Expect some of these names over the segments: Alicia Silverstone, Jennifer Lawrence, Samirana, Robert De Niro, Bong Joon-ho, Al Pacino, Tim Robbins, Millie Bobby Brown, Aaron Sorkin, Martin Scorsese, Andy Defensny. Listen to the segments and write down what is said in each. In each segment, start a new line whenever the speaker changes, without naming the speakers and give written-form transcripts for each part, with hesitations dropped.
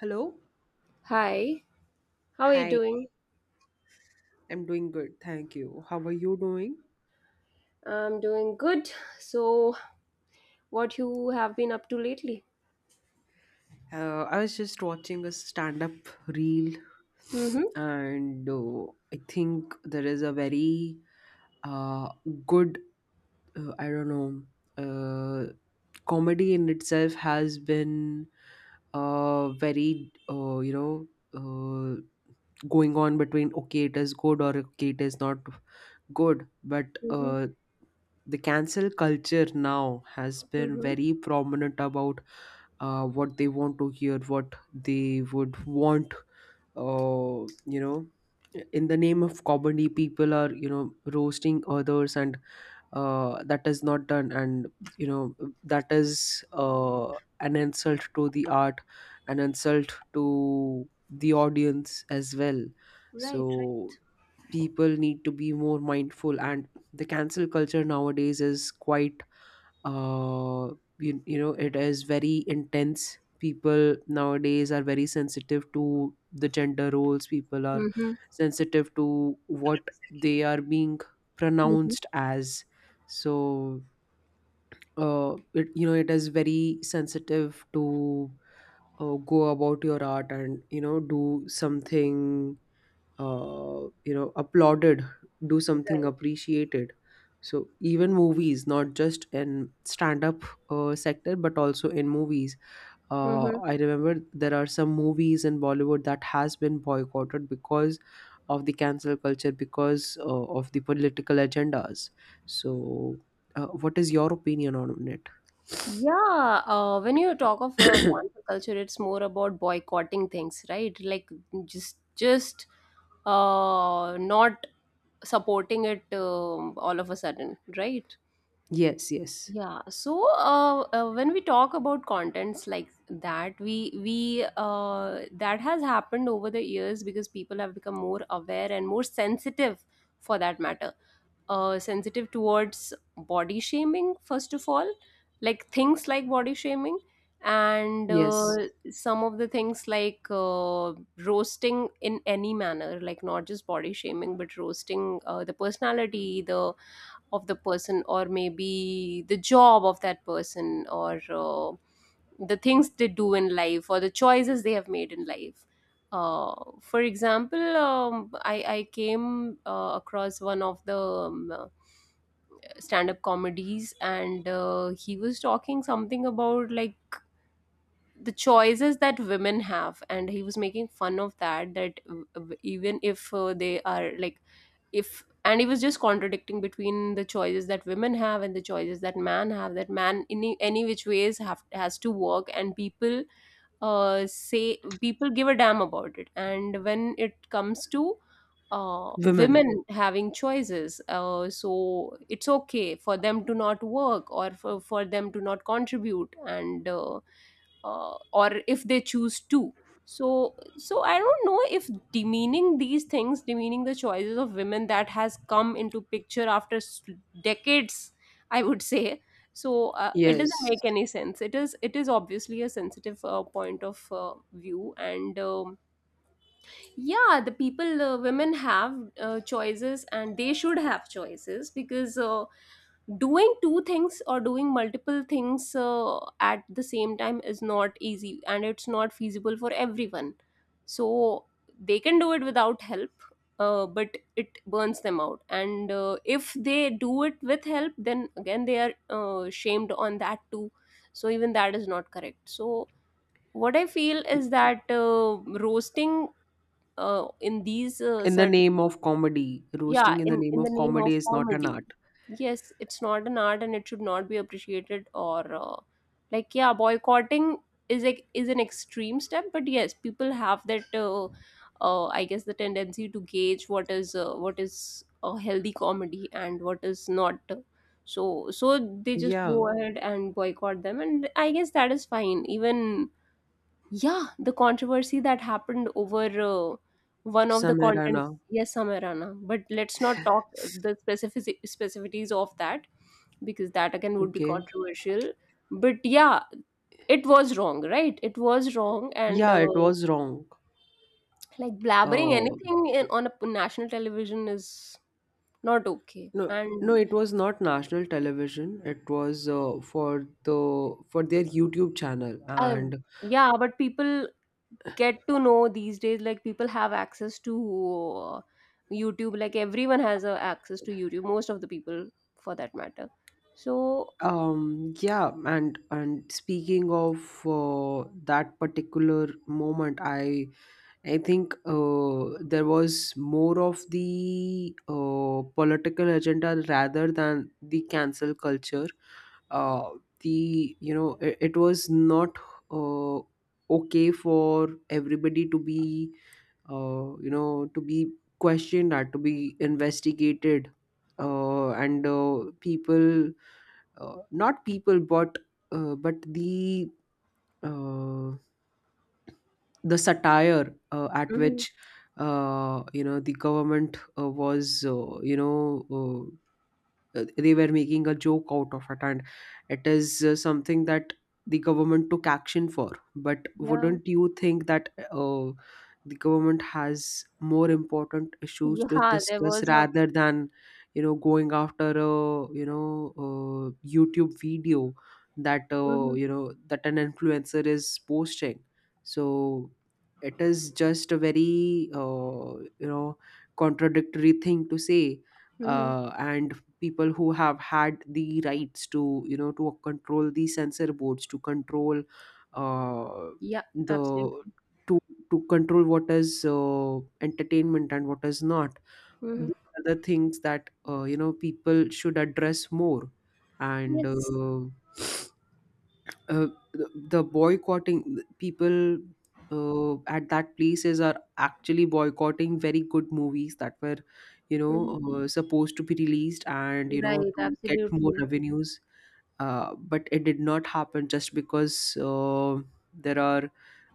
Hello.
Hi, how are you
Hi,
doing?
I'm doing good. Thank you. How are you doing?
I'm doing good. So, what you have been up to lately?
I was just watching a stand up reel,
Mm-hmm.
and I think there is a very uh, good, I don't know, comedy in itself has been uh, very, uh, you know, uh, going on between okay, it is good or okay, it is not good. But
Mm-hmm.
uh, the cancel culture now has been
Mm-hmm.
very prominent about what they want to hear, what they would want, uh, you know. In the name of comedy, people are roasting others, and that is not done, and you know that is an insult to the art, an insult to the audience as well.
Right, right.
So people need to be more mindful, and the cancel culture nowadays is quite uh, it is very intense. People nowadays are very sensitive to the gender roles. People are
Mm-hmm.
sensitive to what they are being
Mm-hmm.
pronounced as. So it, you know it is very sensitive to go about your art, and do something applauded, do something
Right.
appreciated. So even movies, not just in stand up sector, but also in movies.
Mm-hmm.
I remember there are some movies in Bollywood that has been boycotted because of the cancel culture, because of the political agendas. So what is your opinion on it?
Yeah, when you talk of cancel culture, it's more about boycotting things, right? Like just not supporting it all of a sudden, right?
Yes, yes,
Yeah, so when we talk about contents like that, we that has happened over the years because people have become more aware and more sensitive, for that matter. Sensitive towards body shaming, first of all, like things like body shaming, and
yes.
some of the things like roasting in any manner, like not just body shaming, but roasting the personality, the of the person, or maybe the job of that person, or the things they do in life or the choices they have made in life. uh, for example, I came across one of the stand-up comedies, and he was talking something about like the choices that women have, and he was making fun of that even if they are like if, and he was just contradicting between the choices that women have and the choices that man have, that man in any which ways have has to work, and people say people give a damn about it. And when it comes to uh
Women.
women having choices, so it's okay for them to not work, or for them to not contribute, and or if they choose to. So I don't know if demeaning these things, demeaning the choices of women, that has come into picture after decades, I would say. So it doesn't
Yes.
make any sense. It is obviously a sensitive point of view, and yeah, the people, women have choices, and they should have choices, because doing two things or doing multiple things at the same time is not easy, and it's not feasible for everyone. So they can do it without help, but it burns them out. And if they do it with help, then again they are shamed on that too. So even that is not correct. So what I feel is that roasting in these
In the
certain,
name of comedy.
yeah,
Roasting in the name
in the
of
name
comedy
of
is not an
comedy,
art.
yes, it's not an art, and it should not be appreciated. Or like, yeah, boycotting is like is an extreme step, but yes, people have that I guess the tendency to gauge what is a healthy comedy and what is not. So they just
Yeah,
go ahead and boycott them, and I guess that is fine even. Yeah, the controversy that happened over one of the
Samirana.
contents. Yes, Samirana. But let's not talk the specific specificities of that, because that again would be
Okay.
controversial. But yeah, it was wrong, right? It was wrong. And
Yeah, it was wrong.
like, blabbering
Uh,
anything in, on a national television is not okay.
no, no,
And
it was not national television. It was for their YouTube channel,
uh,
and
yeah, but people get to know these days, like people have access to uh, YouTube. Like everyone has access to YouTube, most of the people, for that matter. So
yeah, and speaking of that particular moment, I think there was more of the political agenda rather than the cancel culture. Uh, the you know it, it was not uh, okay for everybody to be to be questioned or to be investigated. And People, not people but uh, the satire at
mhm,
which the government was you know they were making a joke out of it, and it is something that the government took action for. But
yeah,
wouldn't you think that the government has more important issues to
yeah, there
discuss
was a
rather than going after a YouTube video that
mhm.
that an influencer is posting? So it is just a very contradictory thing to say.
Mhm.
And people who have had the rights to to control the censor boards, to control uh,
Yeah.
the
Absolutely.
to to control what is entertainment and what is not.
Hmm.
These are the things that people should address more. And
Yes.
the boycotting people at that places are actually boycotting very good movies that were you
Hmm.
know supposed to be released, and
Right.
to get more
Absolutely.
revenues. But it did not happen just because there are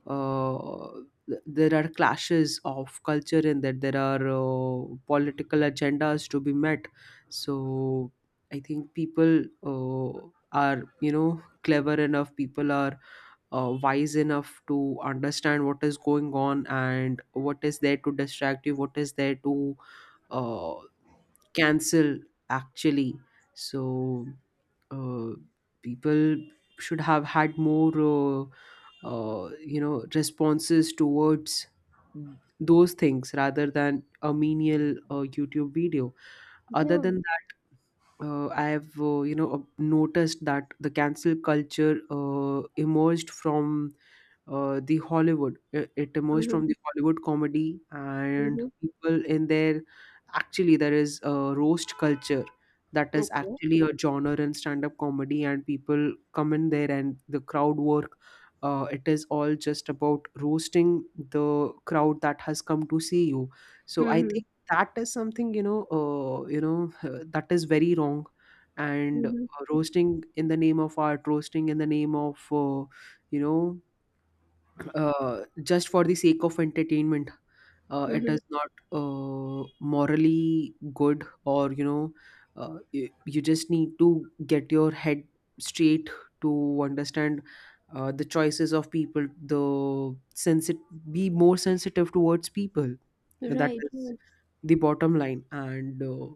uh, there are clashes of culture, and that there are political agendas to be met. So I think people uh, are clever enough, people are wise enough to understand what is going on and what is there to distract you, what is there to uh, cancel, actually. So uh, people should have had more, responses towards those things rather than a menial YouTube video. Other
Yeah.
than I've noticed that the cancel culture emerged from the Hollywood. It emerged
Hmm.
from the Hollywood comedy, and
Hmm.
people in there, actually there is a roast culture that is
Okay.
actually a genre in stand-up comedy, and people come in there and the crowd work. It is all just about roasting the crowd that has come to see you. So I
Hmm.
think that is something, that is very wrong. And
Hmm.
roasting in the name of art, roasting in the name of you know just for the sake of entertainment, it
Hmm.
is not uh, morally good, or you just need to get your head straight to understand the choices of people, the sensit be more sensitive towards people, that
Right.
is
Hmm.
the bottom line. And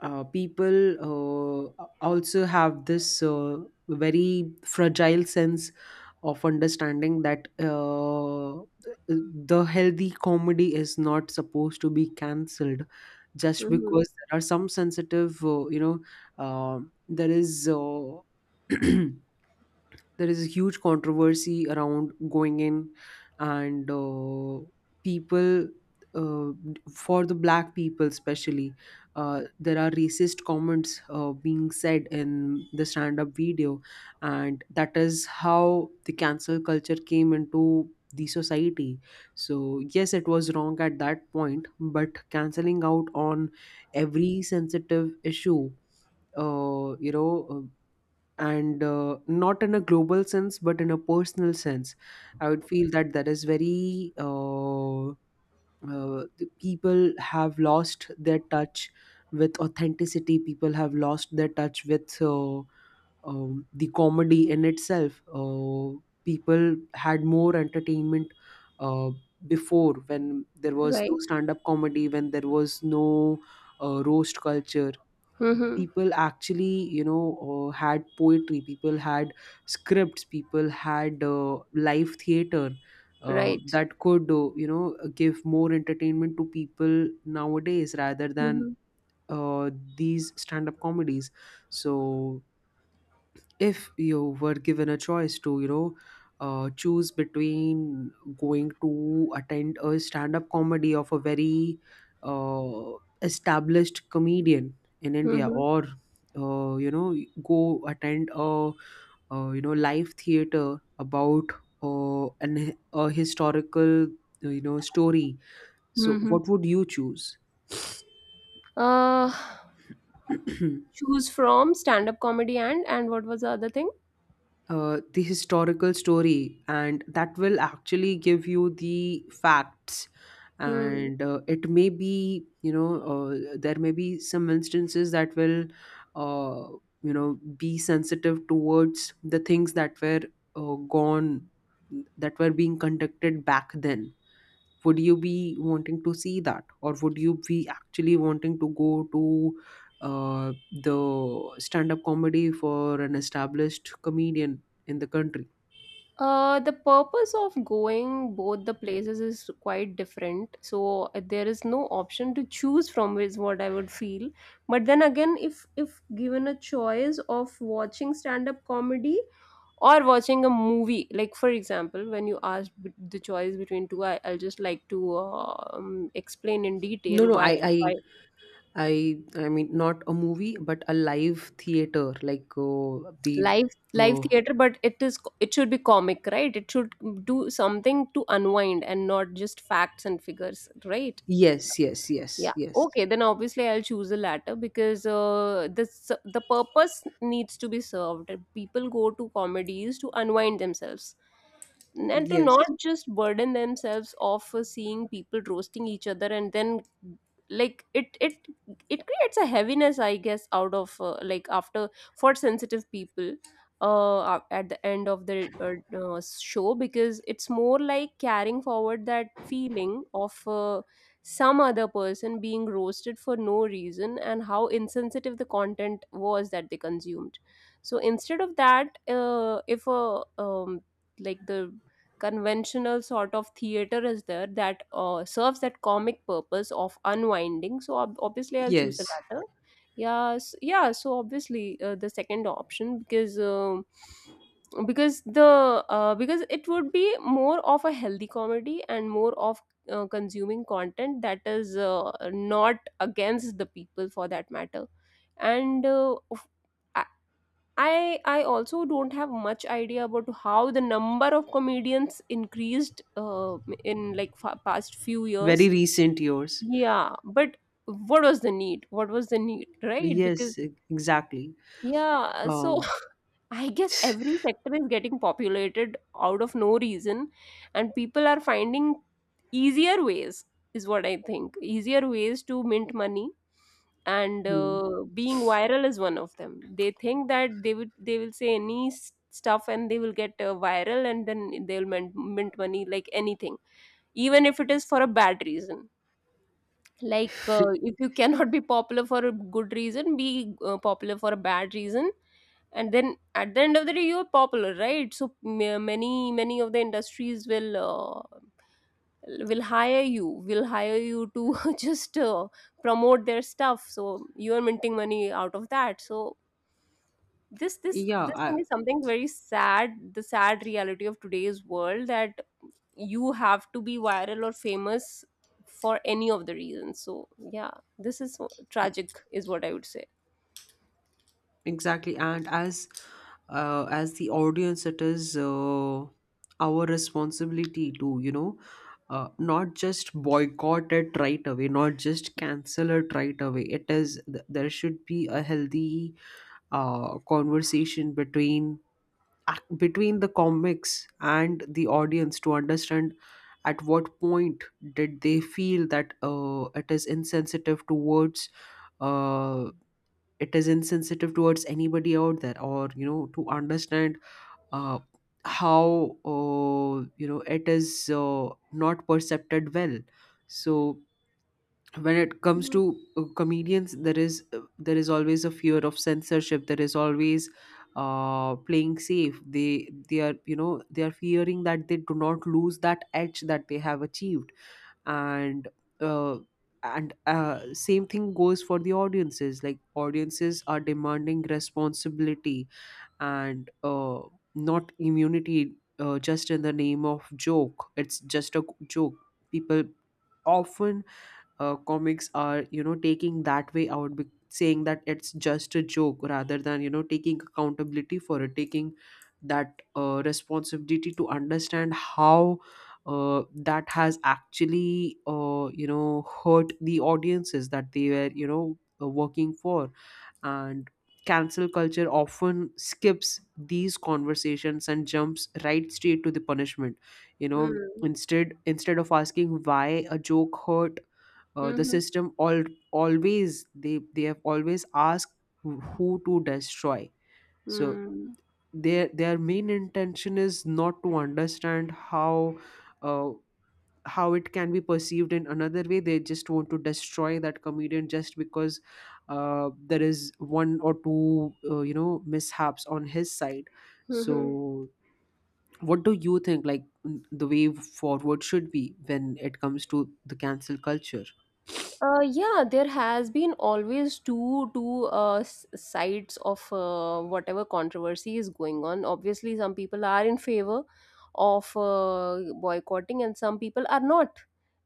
people also have this very fragile sense of understanding that the healthy comedy is not supposed to be cancelled just because there are some sensitive, there is there is a huge controversy around going in. And people, uh, for the black people especially, there are racist comments being said in the stand up video, and that is how the cancel culture came into the society. So yes, it was wrong at that point, but canceling out on every sensitive issue, uh, you know uh, and not in a global sense but in a personal sense, I would feel that that is very the people have lost their touch with authenticity, people have lost their touch with the comedy in itself. People had more entertainment uh, before, when there was no
Right.
stand-up comedy, when there was no roast culture.
Hmm.
People actually had poetry, people had scripts, people had live theater
Right.
that could give more entertainment to people nowadays rather than
Hmm.
uh, these stand-up comedies. So if you were given a choice to choose between going to attend a stand-up comedy of a very uh, established comedian in India,
Hmm.
or go attend a live theater about an a historical, story, so
Hmm.
what would you choose?
uh, Choose from stand-up comedy and what was the other thing?
The historical story, and that will actually give you the facts.
Hmm.
And it may be, there may be some instances that will uh, be sensitive towards the things that were gone, that were being conducted back then. Would you be wanting to see that, or would you be actually wanting to go to uh, the stand up comedy for an established comedian in the country?
The purpose of going both the places is quite different. So there is no option to choose from is what I would feel. But then again, if given a choice of watching stand-up comedy or watching a movie, like for example, when you asked the choice between two, I'll just like to explain in
No,
detail
no,
why why
i I mean not a movie but a live theater, like the
live
uh,
theater, but it is it should be comic, right? It should do something to unwind and not just facts and figures, right?
yes, yes, yes,
Yeah.
yes,
Okay. Then obviously I'll choose the latter, because the the purpose needs to be served. People go to comedies to unwind themselves, and to
yes,
not just burden themselves off seeing people roasting each other. And then, like, it creates a heaviness, I guess, out of like, after, for sensitive people, at the end of the show, because it's more like carrying forward that feeling of some other person being roasted for no reason, and how insensitive the content was that they consumed. So instead of that, if a like the conventional sort of theater is there, that serves that comic purpose of unwinding, so obviously I'll choose
yes,
the latter. Yeah, so obviously the second option, because the because it would be more of a healthy comedy, and more of consuming content that is not against the people, for that matter. And I I also don't have much idea about how the number of comedians increased in like past few years.
very recent years.
Yeah, but what was the need? What was the need, right? Because
Yes, exactly.
yeah, so
um
I guess every sector is getting populated out of no reason, and people are finding easier ways, is what I think. Easier ways to mint money, and
Hmm.
being viral is one of them. They think that they will say any stuff, and they will get viral, and then they'll mint money like anything, even if it is for a bad reason. Like if you cannot be popular for a good reason, be popular for a bad reason, and then at the end of the day you're popular, right? So many of the industries will hire you, will hire you to just promote their stuff, so you're minting money out of that. So this this
Yeah.
this thing is something very sad, the sad reality of today's world, that you have to be viral or famous for any of the reasons. So yeah, this is tragic, is what I would say.
Exactly, and as the audience, it is our responsibility to not just boycott it right away, not just cancel it right away. There should be a healthy conversation between, between the comics and the audience to understand at what point did they feel that it is insensitive uh, towards anybody out there, or to understand uh, how it is not percepted well. So when it comes
Mm-hmm.
to comedians, there is always a fear of censorship, there is always playing safe, they are, they are fearing that they do not lose that edge that they have achieved. And uh, same thing goes for the audiences, like audiences are demanding responsibility and not immunity. Just in the name of joke, it's just a joke. People often, comics are taking that way out, saying that it's just a joke rather than taking accountability for it, taking that responsibility to understand how that has actually hurt the audiences that they were working for. And cancel culture often skips these conversations and jumps right straight to the punishment. you know instead of asking why a joke hurt, the
Mm-hmm.
system, all always they have always asked who to destroy. So their main intention is not to understand uh, how it can be perceived in another way. They just want to destroy that comedian just because there is one or two mishaps on his side.
Mm-hmm.
So what do you think, like, the way forward should be when it comes to the cancel culture?
Yeah, there has been always two sides of whatever controversy is going on. Obviously, some people are in favor of boycotting, and some people are not,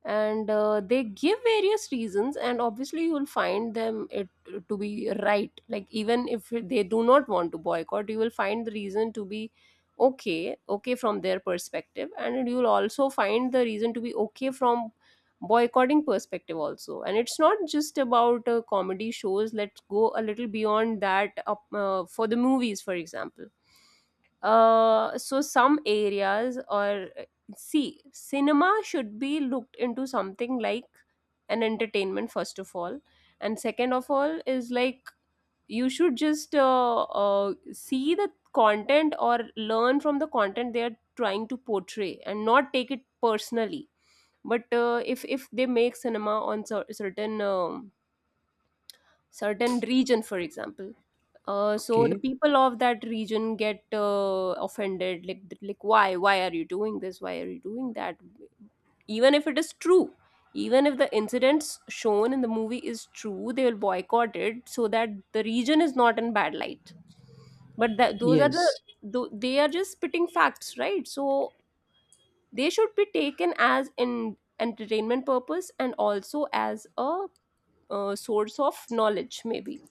and they give various reasons. And obviously, you will find them it to be right. Like even if they do not want to boycott, you will find the reason to be okay from their perspective, and you will also find the reason to be okay from boycotting perspective also. And it's not just about comedy shows. Let's go a little beyond that up, for the movies, for example. So some areas or, see, cinema should be looked into something like an entertainment, first of all, and second of all is like you should just see the content, or learn from the content they are trying to portray, and not take it personally. But if they make cinema on certain certain region, for example, so
Okay.
the people of that region get offended. Like, like, why are you doing this, why are you doing that, even if it is true. Even if the incidents shown in the movie is true, they will boycott it, so that the region is not in bad light. But that, those are the
Yes.
they are just spitting facts, right? So they should be taken as in entertainment purpose, and also as a source of knowledge, maybe.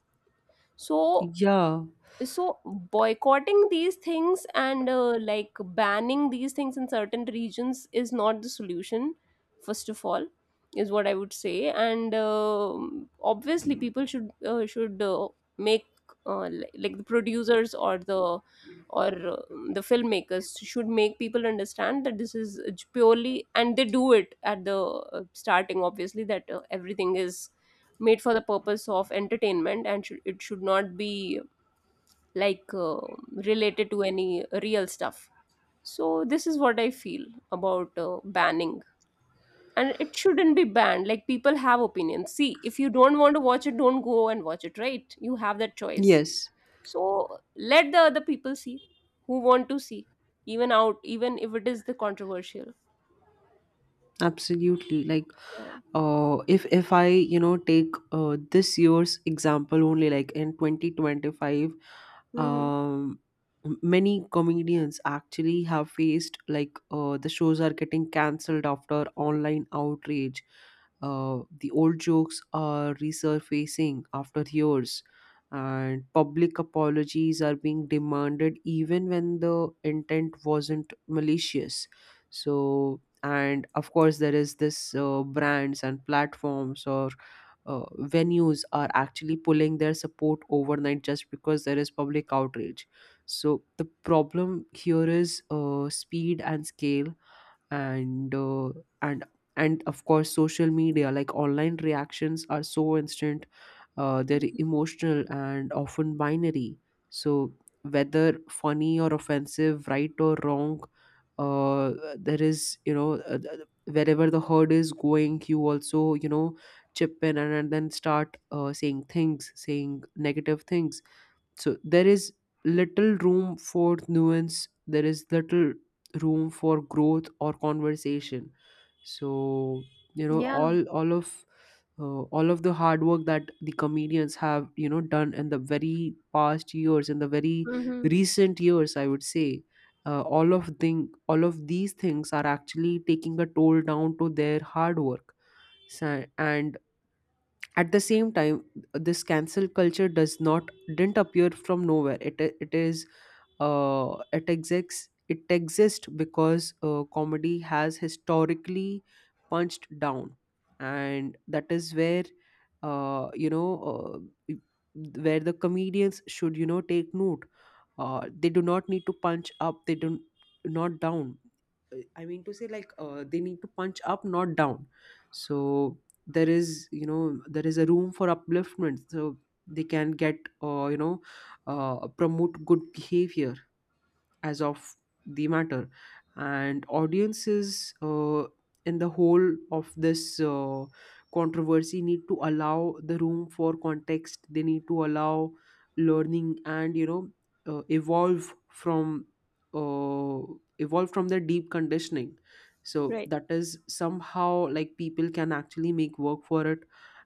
so
Yeah.
so boycotting these things, and like, banning these things in certain regions is not the solution, first of all, is what I would say. And obviously people should make like the producers or the filmmakers should make people understand that this is purely, and they do it at the starting obviously, that everything is made for the purpose of entertainment, and it should not be like related to any real stuff. So this is what I feel about banning, and it shouldn't be banned. Like, people have opinions. See, if you don't want to watch it, don't go and watch it, right? You have that choice.
Yes.
So let the other people see who want to see, even if it is the controversial.
Absolutely. Like,
Yeah.
if I take this year's example only, like in 2025,
Mm-hmm.
um, many comedians actually have faced, like the shows are getting cancelled after online outrage. The old jokes are resurfacing after years, and public apologies are being demanded even when the intent wasn't malicious. And of course there is this brands and platforms or venues are actually pulling their support overnight just because there is public outrage. So the problem here is speed and scale, and uh, and and of course social media, like online reactions are so instant. They're emotional and often binary. So, whether funny or offensive, right or wrong, uh, there is, you know, th- wherever the herd is going, you also, chip in, and then start saying negative things. So there is little room for nuance, there is little room for growth or conversation. So you know
Yeah.
all all of all of the hard work that the comedians have, you know, done in the very past years, in the very
Mm-hmm.
recent years, I would say, all of these things are actually taking a toll down to their hard work. Sa- and at the same time, this cancel culture does not didn't appear from nowhere. It is uh, it exists. It exists because comedy has historically punched down, and that is where uh, you know uh, where the comedians should, you know, take note. Uh, they do not need to punch up they do not down I mean to say, like, they need to punch up, not down. So there is, you know, there is a room for upliftment. So they can get promote good behavior, as of the matter. And audiences, in the whole of this controversy, need to allow the room for context. They need to allow learning, and you know, uh, evolve from uh, evolve from their deep conditioning, so
Right.
that is somehow like people can actually make work for it.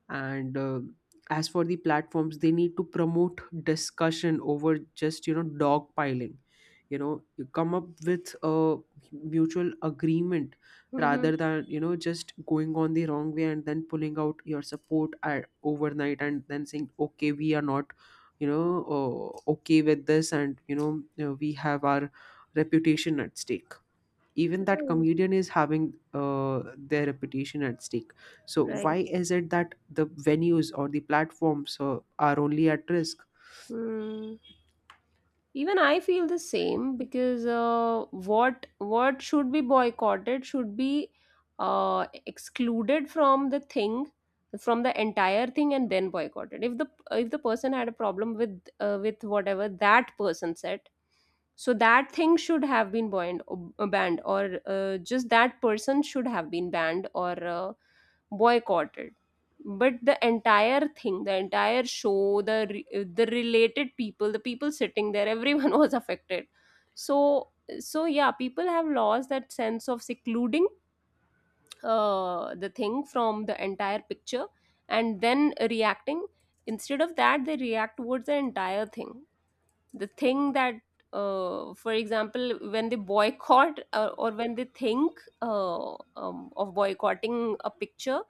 And as for the platforms, they need to promote discussion over just, you know, dog piling. You know, you come up with a mutual agreement,
Mm-hmm.
rather than, you know, just going on the wrong way and then pulling out your support at overnight and then saying, okay, we are not, you know, okay with this, and you know, we have our reputation at stake. Even that
Right.
comedian is having their reputation at stake. So why
Right.
is it that the venues or the platforms are only at risk?
Mm. Even I feel the same because uh, what what should be boycotted should be uh, excluded from the thing, from the entire thing, and then boycotted. If the if the person had a problem with whatever that person said, so that thing should have been banned or just that person should have been banned or boycotted. But the entire thing, the entire show, the the related people, the people sitting there, everyone was affected. So so yeah, people have lost that sense of secluding the thing from the entire picture and then reacting. Instead of that, they react towards the entire thing, the thing that, for example, when they boycott, or when they think, of boycotting a picture.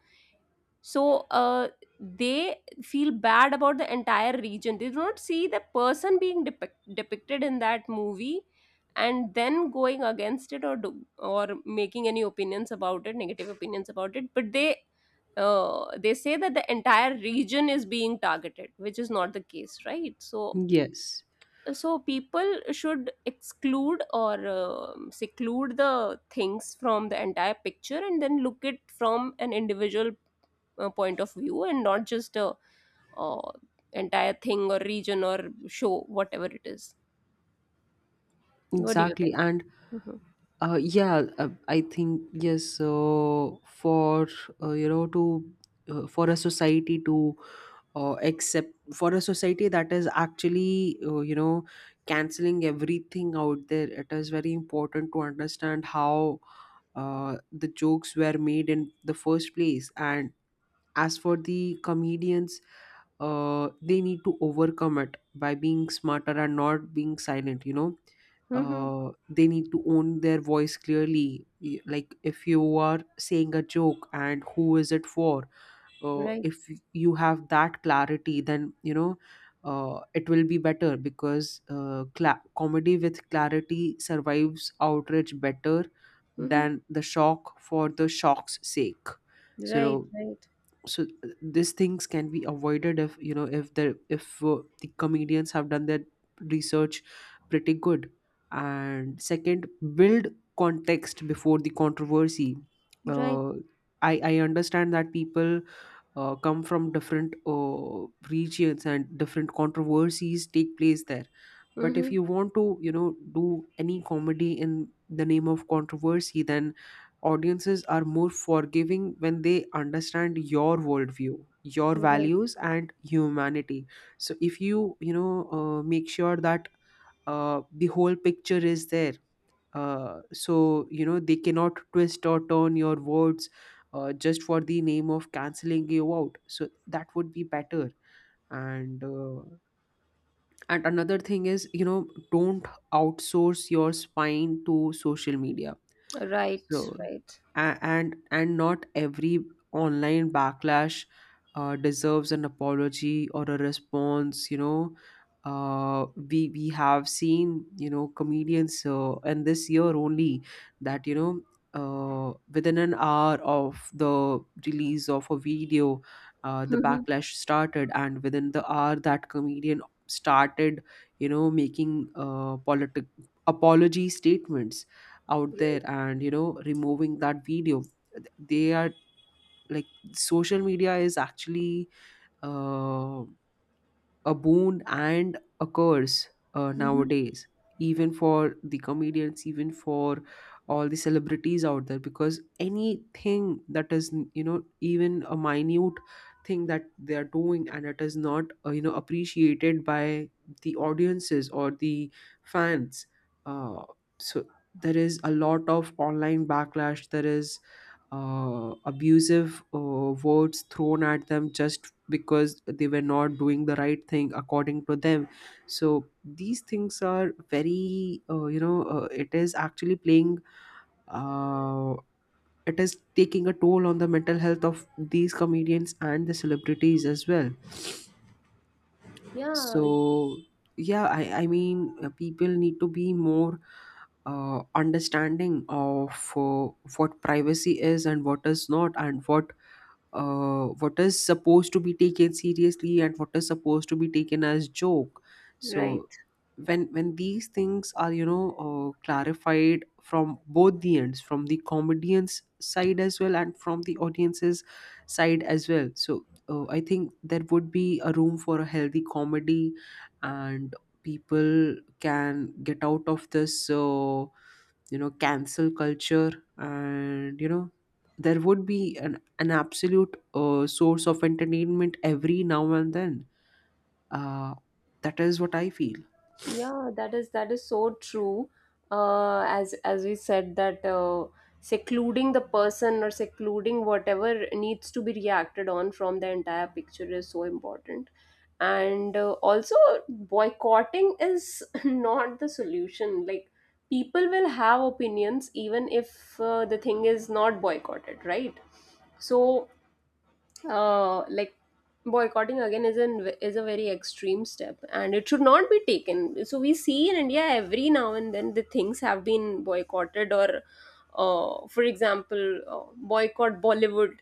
So they feel bad about the entire region. They do not see the person being depicted in that movie and then going against it or or making any opinions about it, negative opinions about it, but they, they say that the entire region is being targeted, which is not the case, right? So
Yes,
so people should exclude or seclude the things from the entire picture and then look it from an individual point of view, and not just a, uh, entire thing or region or show, whatever it is. What do you
exactly.
think?
And
Mm-hmm.
Yeah, I think yes. So for you know to for a society to accept, for a society that is actually canceling everything out there, it is very important to understand how the jokes were made in the first place. And as for the comedians, they need to overcome it by being smarter and not being silent, you know.
Hmm.
They need to own their voice clearly. Like, if you are saying a joke, and who is it for?
Right.
If you have that clarity, then you know it will be better, because comedy with clarity survives outrage better
Mm-hmm.
than the shock for the shock's sake.
Right,
so
right.
so uh, these things can be avoided if, you know, if the comedians have done their research pretty good, and second, build context before the controversy.
Right.
Uh, i i understand that people come from different regions and different controversies take place there, but
Mm-hmm.
if you want to, you know, do any comedy in the name of controversy, then audiences are more forgiving when they understand your worldview, your
Right,
values and humanity. So if you, you know, make sure that the whole picture is there, so you know they cannot twist or turn your words just for the name of canceling you out, so that would be better. And and another thing is, you know, don't outsource your spine to social media.
right.
So,
Right.
and not every online backlash deserves an apology or a response. You know, we have seen, you know, comedians, and this year only, that you know, within an hour of the release of a video, the
Mm-hmm.
backlash started, and within the hour that comedian started, you know, making politic apology statements out there,
Right.
and you know, removing that video. They are, like, social media is actually uh, a boon and a curse
Mm-hmm.
nowadays, even for the comedians, even for all the celebrities out there, because anything that is, you know, even a minute thing that they are doing, and it is not appreciated by the audiences or the fans. uh, so there is a lot of online backlash, there is abusive words thrown at them just because they were not doing the right thing according to them. So these things are very it is actually playing, uh, it is taking a toll on the mental health of these comedians and the celebrities as well.
Yeah.
So yeah, I mean, people need to be more understanding of uh, what privacy is and what is not, and what is supposed to be taken seriously and what is supposed to be taken as joke. So
Right.
when these things are, you know, clarified from both the ends, from the comedian's side as well and from the audience's side as well, so I think there would be a room for a healthy comedy, and people can get out of this cancel culture, and you know, there would be an absolute source of entertainment every now and then. uh, that is what I feel.
Yeah, that is so true. As we said that, secluding the person or secluding whatever needs to be reacted on from the entire picture is so important. And also, boycotting is not the solution. Like, people will have opinions even if the thing is not boycotted, right? So like, boycotting again is an is a very extreme step and it should not be taken. So we see in India every now and then, the things have been boycotted. Or for example, boycott Bollywood,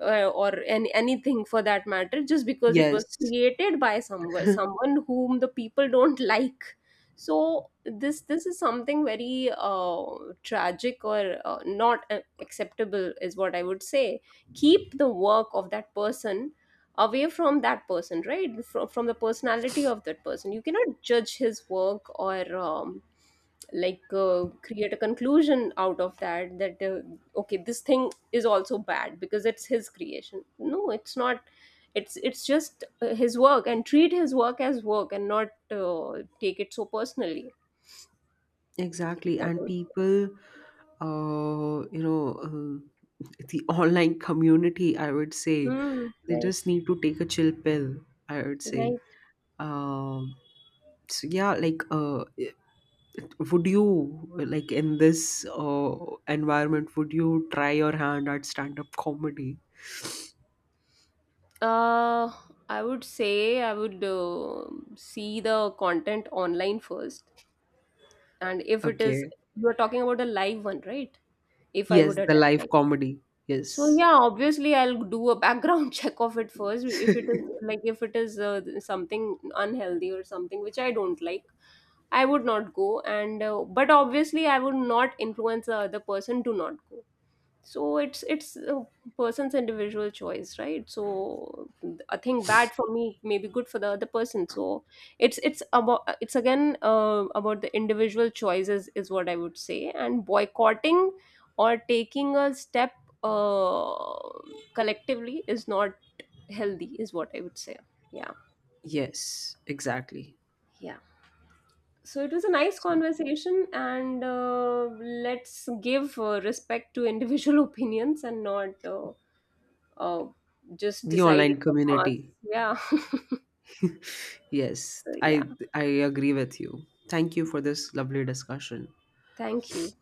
or anything for that matter, just because it was
Yes,
created by someone whom the people don't like. So this is something very tragic or not acceptable is what I would say. Keep the work of that person away from that person. Right, from the personality of that person you cannot judge his work, or like create a conclusion out of that, that okay this thing is also bad because it's his creation. No, it's not. It's it's just his work, and treat his work as work and not take it so personally.
exactly.
What I
And
would say.
people, uh, you know the online community, I would say,
Hmm,
they
right.
just need to take a chill pill, I would say.
Right.
um so yeah like uh Would you, like, in this environment, would you try your hand at stand up comedy?
uh I would say, I would see the content online first. And if it is,
Okay.
you are talking about a live one, right? If I
Yes,
would
the live
attend.
comedy.
So
Yes.
yeah, obviously I'll do a background check of it first. If it is like if it is something unhealthy or something which I don't like, I would not go. And but obviously I would not influence the other person to not go. So it's a person's individual choice, right? So a thing bad for me may be good for the other person. So it's about, it's again about the individual choices is what I would say. And boycotting or taking a step, uh, collectively, is not healthy is what I would say. Yeah.
Yes, exactly.
Yeah. So it was a nice
So
conversation and let's give respect to individual opinions, and not uh, just
the online
decided for
community.
us. Yeah.
Yes,
So, yeah.
I agree with you. Thank you for this lovely discussion.
Thank you.